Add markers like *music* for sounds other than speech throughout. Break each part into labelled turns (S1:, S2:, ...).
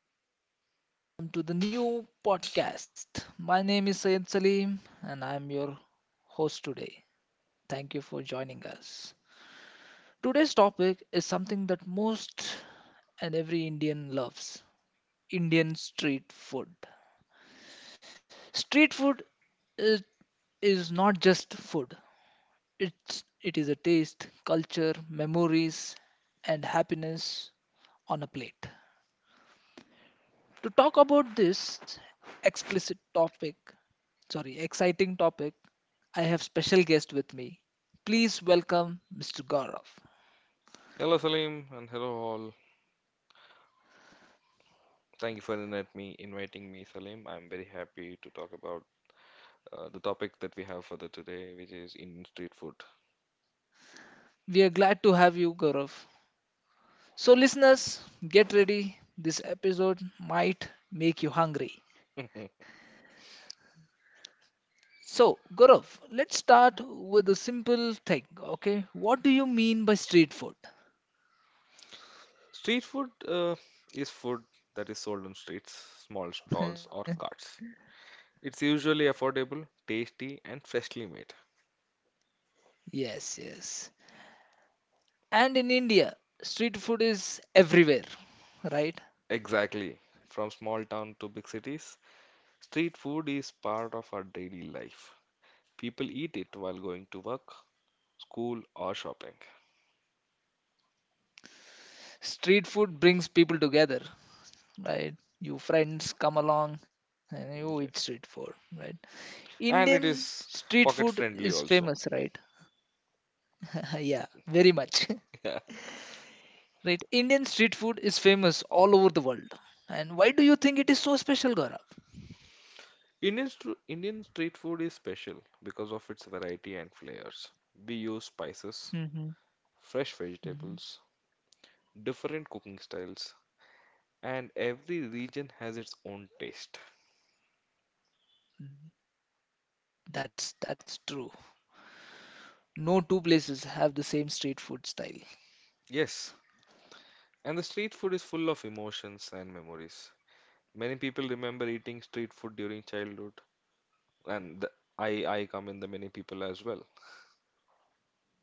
S1: Hello everyone, welcome to the new podcast. My name is Sayed Salim and I am your host today. Thank you for joining us. Today's topic is something that most and every Indian loves Indian street food. Street food is, is not just food, it is a taste, culture, memories, and happiness on a plate. To talk about this explicit topic, sorry, exciting topic, I have special guest with me. Please welcome Mr. Gaurav.
S2: Hello Salim and hello all. Thank you for inviting me, Salim. I'm very happy to talk about the topic that we have for the today, which is Indian street food.
S1: We are glad to have you, Gaurav. So, listeners, get ready. This episode might make you hungry.
S2: *laughs*
S1: So, Gaurav, let's start with a simple thing, okay? What do you mean by street food?
S2: Street food is food that is sold on streets, small stalls,
S1: *laughs*
S2: or carts. It's usually affordable, tasty, and freshly made.
S1: yes, yes. And in India, street food is everywhere, right?
S2: Exactly. From small town to big cities, street food is part of our daily life. People eat it while going to work, school, or shopping.
S1: Street food brings people together, right? You friends come along and you eat street food,
S2: Yes.
S1: right? Indian
S2: And it
S1: street
S2: is
S1: food is
S2: pocket
S1: famous,
S2: friendly
S1: right?
S2: also.
S1: *laughs* yeah, very much.
S2: *laughs*
S1: *laughs* right? Indian street food is famous all over the world. And why do you think it is so special, Gaurav?
S2: Indian street food is special because of its variety and flavors. We use spices,
S1: hmm
S2: fresh
S1: hmm
S2: vegetables, different cooking styles, and every region has its own taste.
S1: that's true. No two places have the same street food style.
S2: Yes, and the street food is full of emotions and memories. Many people remember eating street food during childhood, and I come in the many people as well.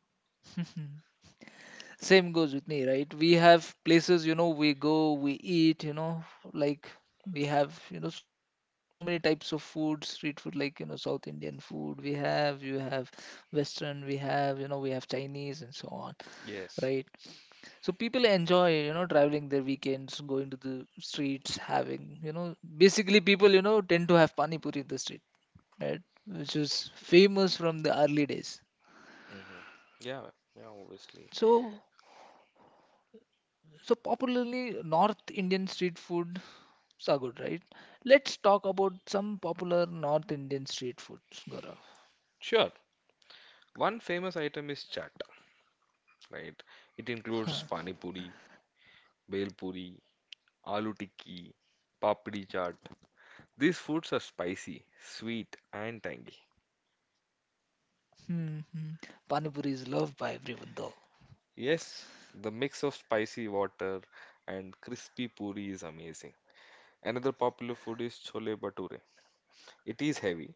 S1: *laughs* Same goes with me, right? We have places, you know, we go, we eat, you know, like we have, you know, so many types of food, street food, like, you know, South Indian food we have, you have Western, we have, you know, we have Chinese and so on,
S2: Yes.
S1: right? So people enjoy, you know, traveling their weekends, going to the streets, having, you know, basically people, you know, tend to have pani puri in the street, right? Which is famous from the early days.
S2: Hmm. Yeah, yeah, obviously.
S1: So So popularly North Indian street foods are good, right? Let's talk about some popular North Indian street foods, Gaurav.
S2: Sure. One famous item is chaat. Right? It includes pani puri, bhel puri, aloo tikki, papdi chaat. These foods are spicy, sweet, and tangy.
S1: Hmm, hmm. Pani puri is loved by everyone though.
S2: Yes, the mix of spicy water and crispy puri is amazing. Another popular food is chole bhature. It is heavy,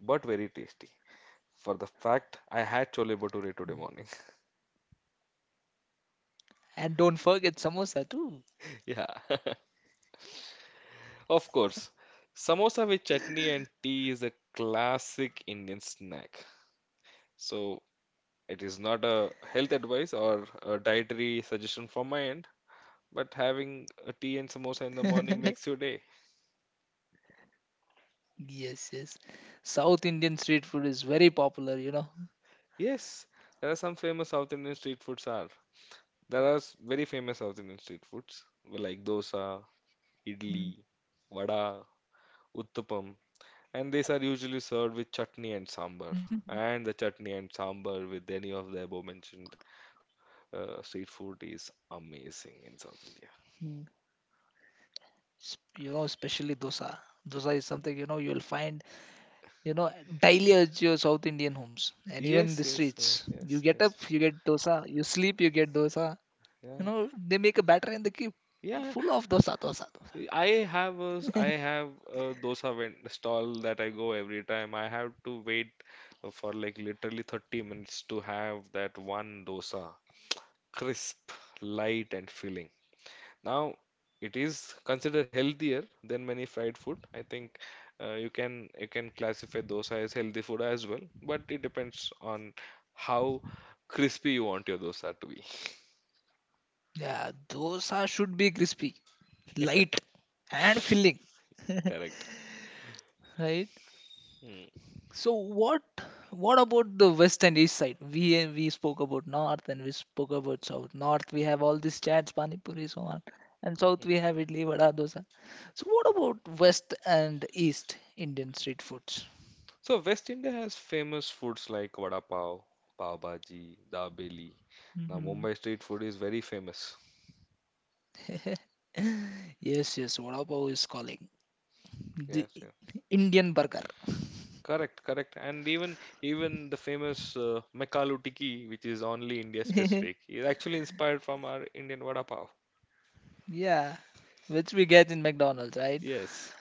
S2: but very tasty. For the fact, I had chole bhature today morning. *laughs*
S1: And don't forget samosa too.
S2: Yeah, *laughs* of course. Samosa with chutney and tea is a classic Indian snack. So, it is not a health advice or a dietary suggestion from my end, but having a tea and samosa in the morning
S1: *laughs*
S2: makes your day.
S1: Yes, yes. South Indian street food is very popular, you know.
S2: Yes, there are some famous South Indian street foods are. There are very famous South Indian street foods like dosa, idli,
S1: Mm.
S2: vada, uttapam, and these are usually served with chutney and sambar.
S1: *laughs*
S2: And the chutney and sambar with any of the above mentioned street food is amazing in South India.
S1: Mm. You know, especially dosa. Dosa is something, you know, you'll find you know daily at your south indian homes and even in
S2: Yes,
S1: the
S2: yes,
S1: streets,
S2: yes,
S1: you
S2: yes,
S1: get
S2: yes.
S1: up you get dosa, you sleep you get dosa,
S2: Yeah.
S1: you know they make a batter and they keep
S2: Yeah,
S1: full of dosa dosa dosa.
S2: I have a dosa vend stall that I go every time. I have to wait for like literally 30 minutes to have that one dosa. Crisp, light and filling. Now, it is considered healthier than many fried food. I think you can classify dosa as healthy food as well, but it depends on how crispy you want your dosa to be.
S1: Yeah, dosa should be crispy, light, and filling,
S2: *laughs* Correct.
S1: right?
S2: Hmm.
S1: So what what about the west and east side? We spoke about north and we spoke about south. North we have all these chats, pani puri so on, and south we have idli, vada, dosa. So what about west and east indian street foods?
S2: So West India has famous foods like vada pav, pav bhaji, dabeli. Now
S1: Mhm.
S2: Mumbai street food is very famous.
S1: *laughs* yes, yes. Vada pav is calling the
S2: Yes, yes.
S1: Indian burger.
S2: Correct, correct. And even the famous Mekalu Tikki, which is only India specific,
S1: *laughs*
S2: is actually inspired from our Indian vada pav.
S1: yeah, which we get in McDonald's, right?
S2: Yes.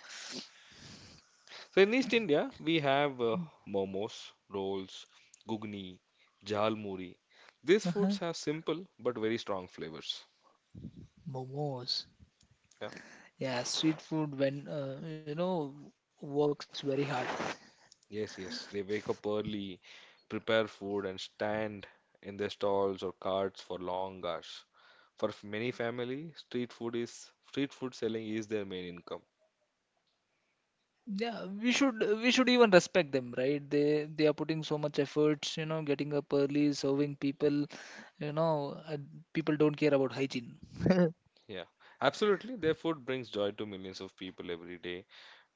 S2: So in East India, we have momos, rolls, gugni, jhal muri. These
S1: Uh-huh.
S2: foods have simple but very strong flavors.
S1: Momos.
S2: Yeah.
S1: Yeah, street food when you know works very hard.
S2: Yes, yes. They wake up early, prepare food, and stand in their stalls or carts for long hours. For many family, street food selling is their main income.
S1: Yeah, we should even respect them, right? They are putting so much efforts, you know, getting up early, serving people, you know, people don't care about hygiene.
S2: Yeah, absolutely. Their food brings joy to millions of people every day.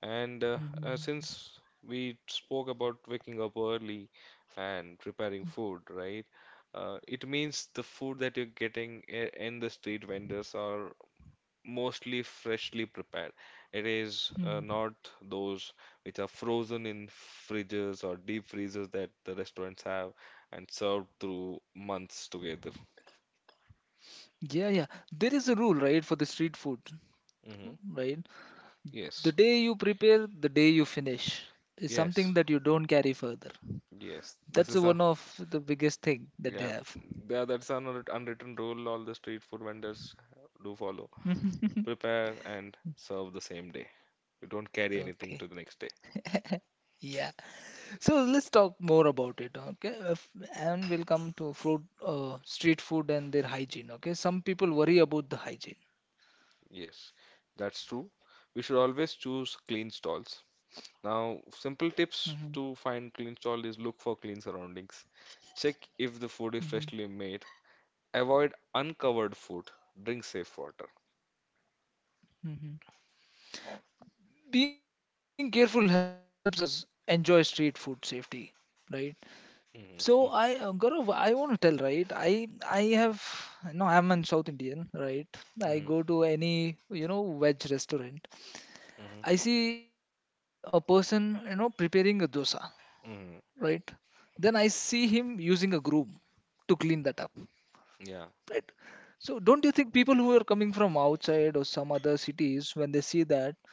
S2: And
S1: Mhm.
S2: since we spoke about waking up early and preparing food, right? It means the food that you're getting in the street vendors are mostly freshly prepared. It is
S1: Hmm.
S2: not those which are frozen in fridges or deep freezers that the restaurants have and served through months together.
S1: Yeah, yeah. There is a rule, right, for the street food,
S2: Hmm.
S1: right? The
S2: Yes,
S1: day you prepare, the day you finish is
S2: yes,
S1: something that you don't carry further.
S2: yes. This
S1: That's
S2: is a
S1: one of the biggest thing that they
S2: yeah,
S1: have.
S2: yeah. That's an unwritten rule all the street food vendors do follow.
S1: *laughs*
S2: Prepare and serve the same day. You don't carry anything
S1: Okay.
S2: to the next day.
S1: Yeah. So let's talk more about it. Okay. And we'll come to food, street food and their hygiene. Okay. Some people worry about the hygiene.
S2: Yes, that's true. We should always choose clean stalls. Now, simple
S1: hmm
S2: tips to find clean stall is look for clean surroundings. Check if the food is
S1: hmm
S2: freshly made. Avoid uncovered food. Drink safe water.
S1: hmm Being careful helps us enjoy street food safety, right? So I,
S2: Mm-hmm,
S1: Gaurav, I want to tell right. I have no. I'm an South Indian, right? I
S2: mm-hmm,
S1: go to any you know veg restaurant.
S2: mm-hmm,
S1: I see a person you know preparing a dosa, right?
S2: mm-hmm.
S1: Then I see him using a broom to clean that up.
S2: Yeah.
S1: Right. So don't you think people who are coming from outside or some other cities, when they see that,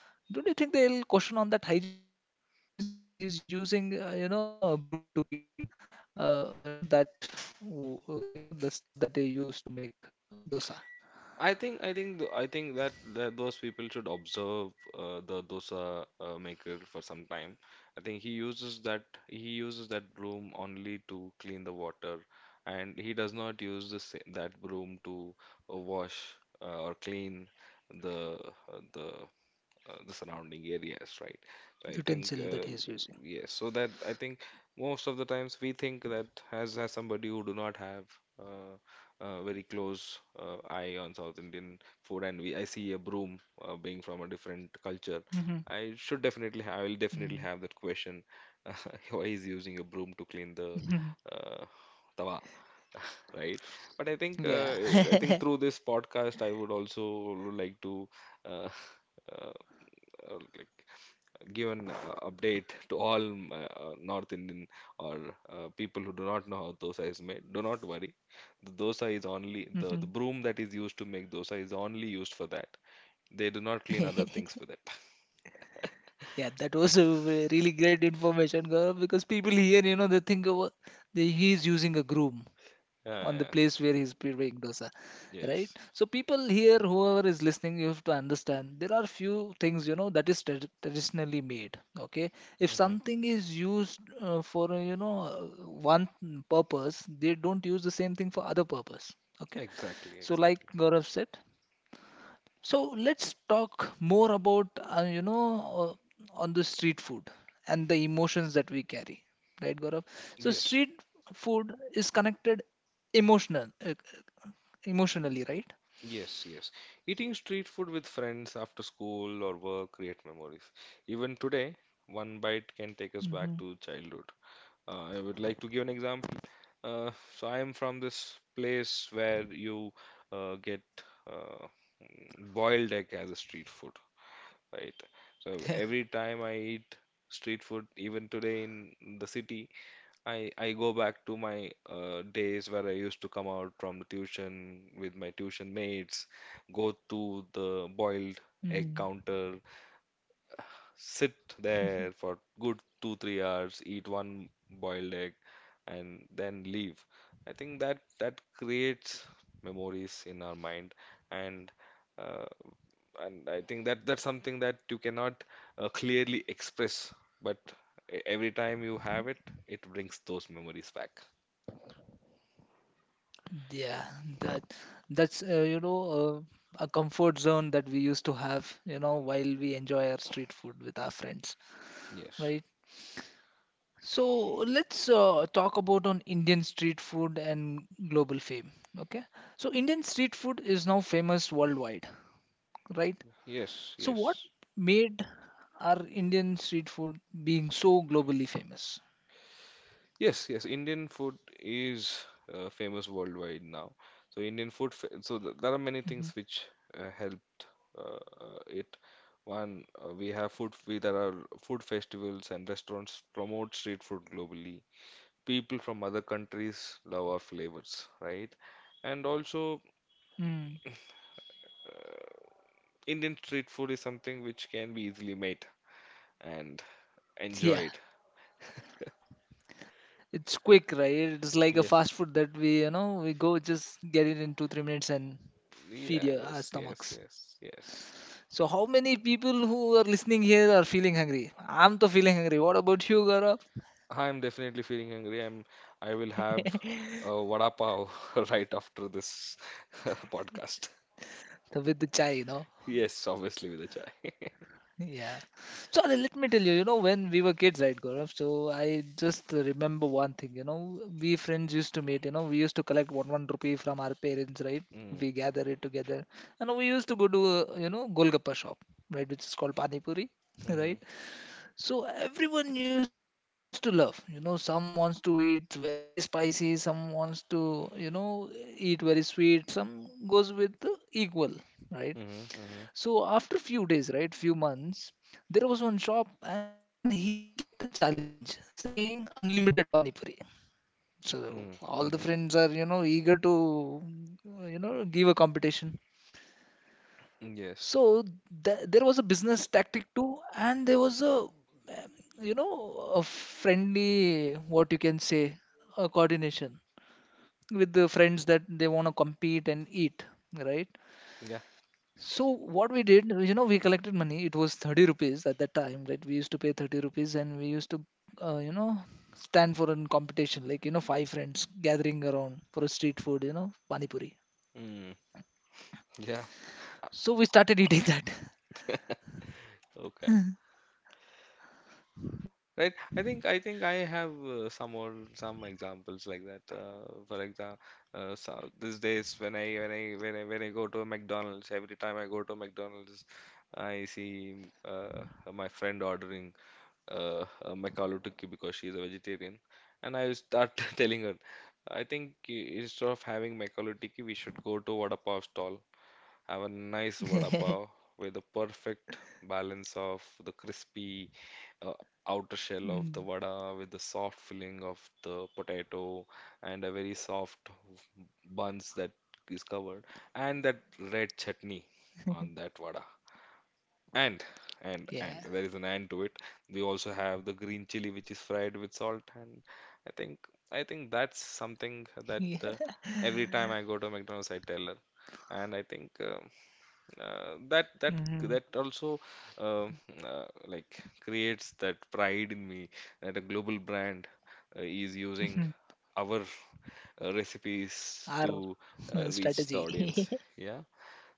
S1: don't you think they'll question on that hygiene, saying that he's using, you know, a broom to clean, you know, that, you know, the stuff that they use to make dosa,
S2: I think that, those people should observe the dosa maker for some time. I think he uses that broom only to clean the water, and he does not use the that broom to wash or clean the uh, the the surrounding areas, right?
S1: utensil
S2: So
S1: that
S2: I
S1: he's
S2: think
S1: using.
S2: yes, so that I think most of the times we think that as somebody who do not have uh, a very close eye on South Indian food, and we I see a broom being from a different culture.
S1: Mm-hmm.
S2: I will definitely have that question. *laughs* Why is using a broom to clean the
S1: *laughs*
S2: uh, tawa, *laughs* right? But
S1: Yeah.
S2: I think
S1: *laughs*
S2: through this podcast, I would also like to uh, *laughs* uh, like give an update to all North Indian or people who do not know how dosa is made. Do not worry. The dosa is only the,
S1: hmm
S2: the broom that is used to make dosa is only used for that. They do not clean other things
S1: *laughs*
S2: with it. *laughs*
S1: Yeah, that was a really great information, Gaurav, because people here, you know, they think of, that he's using a broom
S2: Yeah,
S1: on the
S2: yeah.
S1: place where he's preparing dosa, right?
S2: Yes.
S1: So people here, whoever is listening, you have to understand there are few things you know that is traditionally made. Okay, if
S2: Hmm.
S1: something is used for you know one purpose, they don't use the same thing for other purpose. Okay,
S2: Exactly,
S1: so like
S2: exactly.
S1: Gaurav said, so let's talk more about you know on the street food and the emotions that we carry, right, Gaurav? So
S2: Yes,
S1: street food is connected emotional emotionally, right?
S2: yes, yes. Eating street food with friends after school or work create memories. Even today, one bite can take us
S1: Mm-hmm.
S2: back to childhood. I would like to give an example. Uh, so I am from this place where you get uh, boiled egg as a street food, right? So
S1: *laughs*
S2: every time I eat street food, even today in the city, I go back to my days where I used to come out from the tuition with my tuition mates, go to the
S1: Mm-hmm.
S2: boiled egg counter, sit there for good two, 3 hours, eat one boiled egg, and then leave. I think that creates memories in our mind, and uh, and I think that that's something that you cannot clearly express, but Every time you have it, it brings those memories back.
S1: *laughs* yeah, that that's you know a comfort zone that we used to have you know while we enjoy our street food with our friends,
S2: Yes,
S1: right? So let's talk about on indian street food and global fame, okay? So indian street food is now famous worldwide, right?
S2: yes,
S1: So what
S2: yes,
S1: made our indian street food being so globally famous?
S2: yes, yes. Indian food is famous worldwide now. So Indian food, fa- so th there are
S1: Mm-hmm.
S2: many things which helped it. One, we have food. There are food festivals and restaurants promote street food globally. People from other countries love our flavors, right? And also,
S1: Mm.
S2: Indian street food is something which can be easily made and enjoyed.
S1: Yeah, it's quick, right? It's like a
S2: Yes.
S1: fast food that we, you know, we go just get it in two, 3 minutes and feed
S2: Yeah,
S1: your, our
S2: yes, yes,
S1: stomachs.
S2: yes, yes.
S1: So, how many people who are listening here are feeling hungry? I'm to feeling hungry. What about you, Gaurav?
S2: I'm definitely feeling hungry. I will have a vada pav *laughs* right after this *laughs* podcast.
S1: The, with the chai, you know.
S2: Yes, obviously with a chai.
S1: Yeah. So Ale, let me tell you, you know, when we were kids, right, Gaurav? So I just remember one thing, you know, we friends used to meet, you know, we used to collect one rupee from our parents, right?
S2: Mm,
S1: We gather it together, and we used to go to, you know, Golgappa shop, right, which is called Pani Puri, *laughs*
S2: mm-hmm,
S1: right? So everyone used to love, you know, some wants to eat very spicy, some wants to, you know, eat very sweet, some goes with the equal, right?
S2: mm-hmm, mm-hmm,
S1: So after few days, right, few months, there was one shop and he kept a challenge saying unlimited pani puri. So
S2: mm-hmm,
S1: all the
S2: mm-hmm.
S1: friends are, you know, eager to, you know, give a competition.
S2: Yes.
S1: So there was a business tactic too, and there was a, you know, a friendly, what you can say, a coordination with the friends that they want to compete and eat, right?
S2: Yeah.
S1: So what we did, you know, we collected money. It was 30 rupees at that time, right? We used to pay 30 rupees and we used to, you know, stand for a competition, like, you know, five friends gathering around for a street food, you know, pani puri.
S2: Mm, yeah.
S1: So we started eating
S2: Okay. Right. I think I have some examples like that. For example, so these days when I go to a McDonald's, every time I go to McDonald's, I see my friend ordering McAloo tikki because she's a vegetarian, and I start *laughs* telling her, I think instead of having McAloo tikki, we should go to Vada Pav stall, have a nice vada pav with the
S1: that. *laughs*
S2: perfect balance of the crispy uh, outer shell of the vada with the
S1: Mm,
S2: soft filling of the potato and a very soft buns that is covered and that red chutney on that vada. And and there is an and to it.
S1: yeah.
S2: We also have the green chili, which is fried with salt, and I think I think that's something
S1: *laughs*
S2: that
S1: Yeah.
S2: every time I go to McDonald's, I tell her, and I think that that
S1: hmm
S2: that also um like creates that pride in me that a global brand is using
S1: hmm
S2: our recipes to
S1: Our
S2: reach
S1: *laughs*
S2: the audience.
S1: strategy.
S2: Yeah,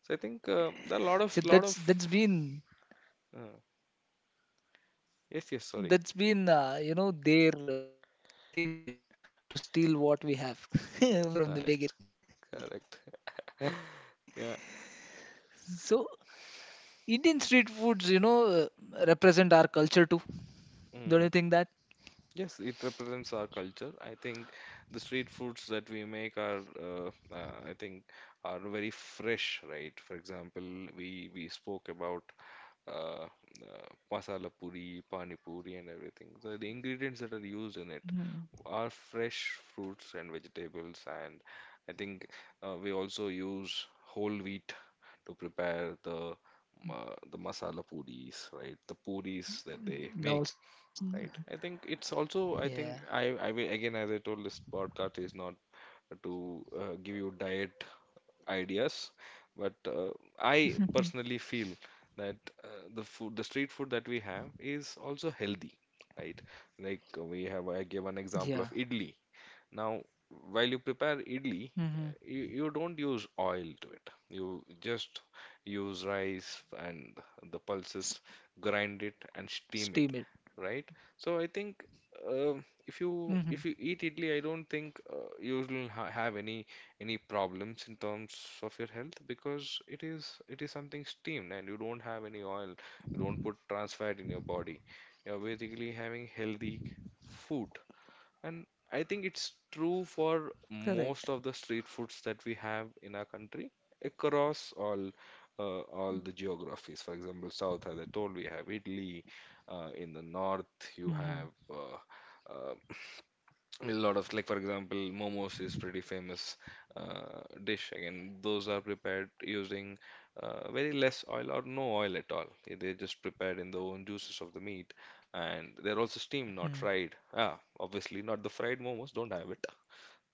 S2: so I think there are a lot of.
S1: *laughs* So that's been
S2: uh, Yes, yes, sorry.
S1: that's been you know their thing, right? To steal what we have *laughs* from the
S2: Correct.
S1: beginning.
S2: Correct. *laughs* Yeah.
S1: So Indian street foods, you know, represent our culture too. Don't
S2: Hmm.
S1: you think that?
S2: Yes, it represents our culture. I think the street foods that we make are, I think, are very fresh, right? For example, we spoke about uh, masala puri, pani puri, and everything. So the ingredients that are used in it are fresh
S1: Mm.
S2: fruits and vegetables, and I think we also use whole wheat to prepare the masala puris, right? The puris that they make, right?
S1: Now,
S2: I think it's also I think I
S1: yeah,
S2: will, again as I told, this podcast is not to give you diet ideas, but I
S1: Mm.
S2: personally feel that uh, the food the street food that we have is also healthy, right? Like we have, I gave an
S1: Yeah,
S2: example of idli. Now, while you prepare idli,
S1: mm-hmm.
S2: you don't use oil to it. You just use rice and the pulses, grind it and
S1: Steam it.
S2: steam it, right? So I think. If
S1: Mm-hmm.
S2: you eat idli, I don't think you'll ha have any problems in terms of your health because it is it is something steamed and you don't have any oil. You don't put trans fat in your body. You're basically having healthy food. And I think it's true for
S1: Correct.
S2: most of the street foods that we have in our country across all the geographies. For example, south, as I told, we have Italy. In the north, you
S1: Mm-hmm.
S2: have uh, a lot of, like for example, momos is pretty famous dish. Again, those are prepared using very less oil or no oil at all. They're just prepared in the own juices of the meat and they're also steamed, not fried. Obviously not the fried momos, don't have it.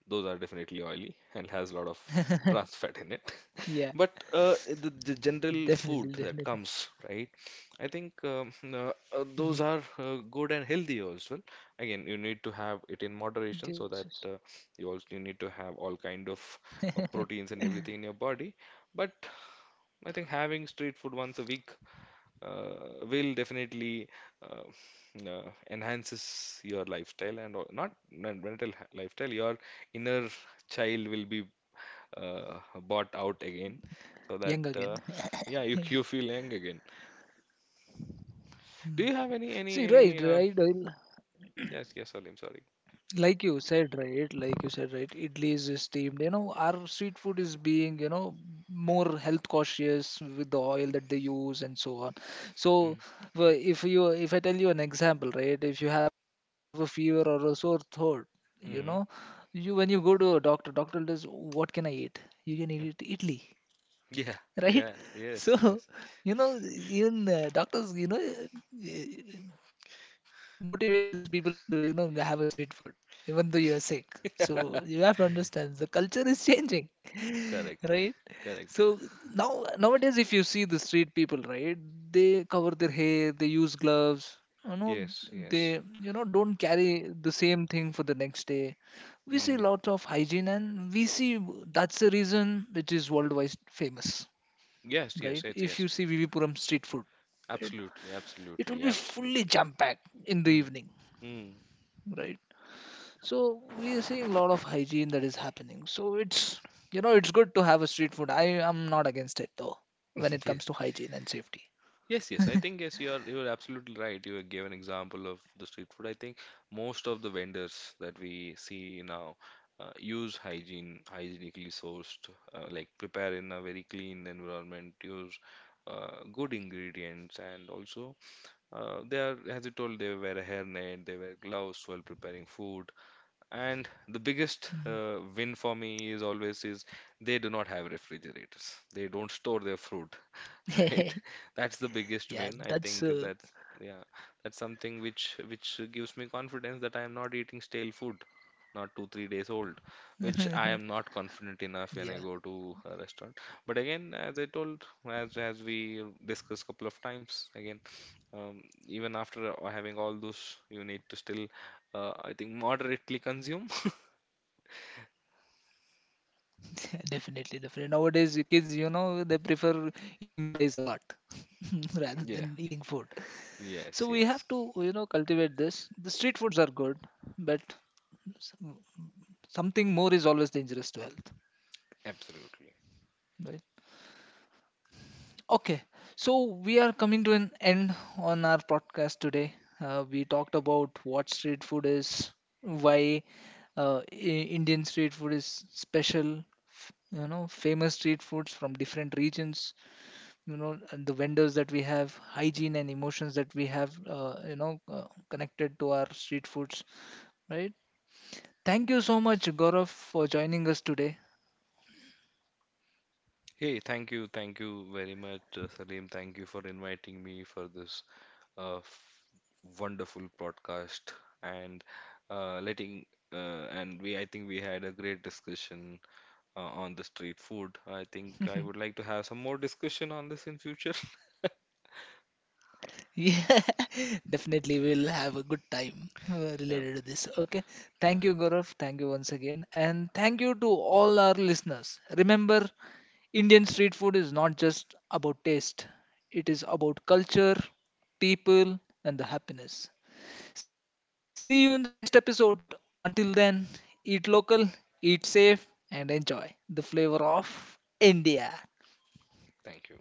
S2: Those are definitely oily and has a lot of
S1: *laughs*
S2: trans fat in it.
S1: Yeah,
S2: *laughs* But the, general
S1: definitely,
S2: food
S1: definitely.
S2: that comes, right? I think
S1: Mm-hmm.
S2: those are good and healthy as well. Again, you need to have it in moderation
S1: Yes,
S2: so that you need to have all kind of proteins and
S1: *laughs*
S2: everything in your body. But I think having street food once a week will definitely uh, uh, enhances your lifestyle, and not mental, lifestyle, your inner child will be bought out again so
S1: young
S2: that
S1: again. *laughs*
S2: yeah, you
S1: Yeah.
S2: you feel young again.
S1: Mm.
S2: Do you have any
S1: See, right, right, right.
S2: yes, yes, Salim, sorry.
S1: Like you said right, like you said right, idli is steamed, you know, our street food is being you know more health cautious with the oil that they use and so on. So
S2: Mm.
S1: if you, if I tell you an example, right, if you have a fever or a sore throat, you know,
S2: Mm.
S1: you when you go to a doctor, doctor does what can I eat, you can eat
S2: Mm.
S1: idli,
S2: Yeah.
S1: *laughs* right?
S2: Yeah. Yes.
S1: So,
S2: Yes.
S1: you know, even doctors, you know, motivate these people to, you know, have a street food, even though you're sick. So
S2: *laughs*
S1: you have to understand the culture is changing, *laughs*
S2: Correct.
S1: right?
S2: Correct.
S1: So now nowadays, if you see the street people, right, they cover their hair, they use gloves. You know,
S2: Yes. Yes.
S1: they you know don't carry the same thing for the next day. We see
S2: Mm.
S1: lots of hygiene, and we see that's the reason which is worldwide famous, right?
S2: Yes, yes,
S1: If
S2: it's
S1: you see
S2: yes.
S1: VV Puram street food, right,
S2: Absolutely,
S1: it will
S2: absolutely,
S1: be fully
S2: absolutely.
S1: jam packed in the
S2: Mm.
S1: evening,
S2: Mm.
S1: right? So we are seeing a lot of hygiene that is happening. So it's you know it's good to have a street food. I am not against it though
S2: *laughs*
S1: when it
S2: Yes.
S1: comes to hygiene and safety.
S2: Yes, yes. I think yes, you are absolutely right. You gave an example of the street food. I think most of the vendors that we see now use hygienically sourced, like prepare in a very clean environment, use good ingredients, and also as you told, they wear a hairnet, they wear gloves while preparing food. And the biggest win for
S1: Mhm.
S2: me is always is they do not have refrigerators. They don't store their food, *laughs* right? That's the
S1: *laughs*
S2: biggest win. I think
S1: yeah,
S2: that's
S1: that's
S2: yeah, that's something which gives me confidence that I am not eating stale food, not two, 3 days old, which I am not confident enough when I go to
S1: yeah,
S2: a restaurant. But again, as I told, as we discussed couple of times, again, even after having all those, you need to still I think moderately consume. *laughs*
S1: *laughs* definitely, definitely. Nowadays, the kids, you know, they prefer eating fries a lot *laughs* rather than
S2: Yeah.
S1: eating food. So
S2: Yes,
S1: we have
S2: yes.
S1: to, you know, cultivate this. The street foods are good, but something more is always dangerous to health,
S2: Absolutely.
S1: right? Okay, so we are coming to an end on our podcast today. We talked about what street food is, why indian street food is special, you know famous street foods from different regions, you know, and the vendors that we have, hygiene and emotions that we have you know connected to our street foods, right? Thank you so much gaurav for joining us today.
S2: Hey, thank you. Thank you very much, Salim. Thank you for inviting me for this uh, f- wonderful podcast and letting and we I think we had a great discussion on the street food. I
S1: *laughs*
S2: think I would like to have some more discussion on this in future. *laughs*
S1: Yeah, *laughs* definitely we'll have a good time
S2: Sure.
S1: related to this. Okay.
S2: Yeah.
S1: Thank you, Gaurav. Thank you once again. And thank you to all our listeners. Remember, Indian street food is not just about taste, it is about culture, people, and the happiness. See you in the next episode. Until then, eat local, eat safe, and enjoy the flavor of India.
S2: Thank you.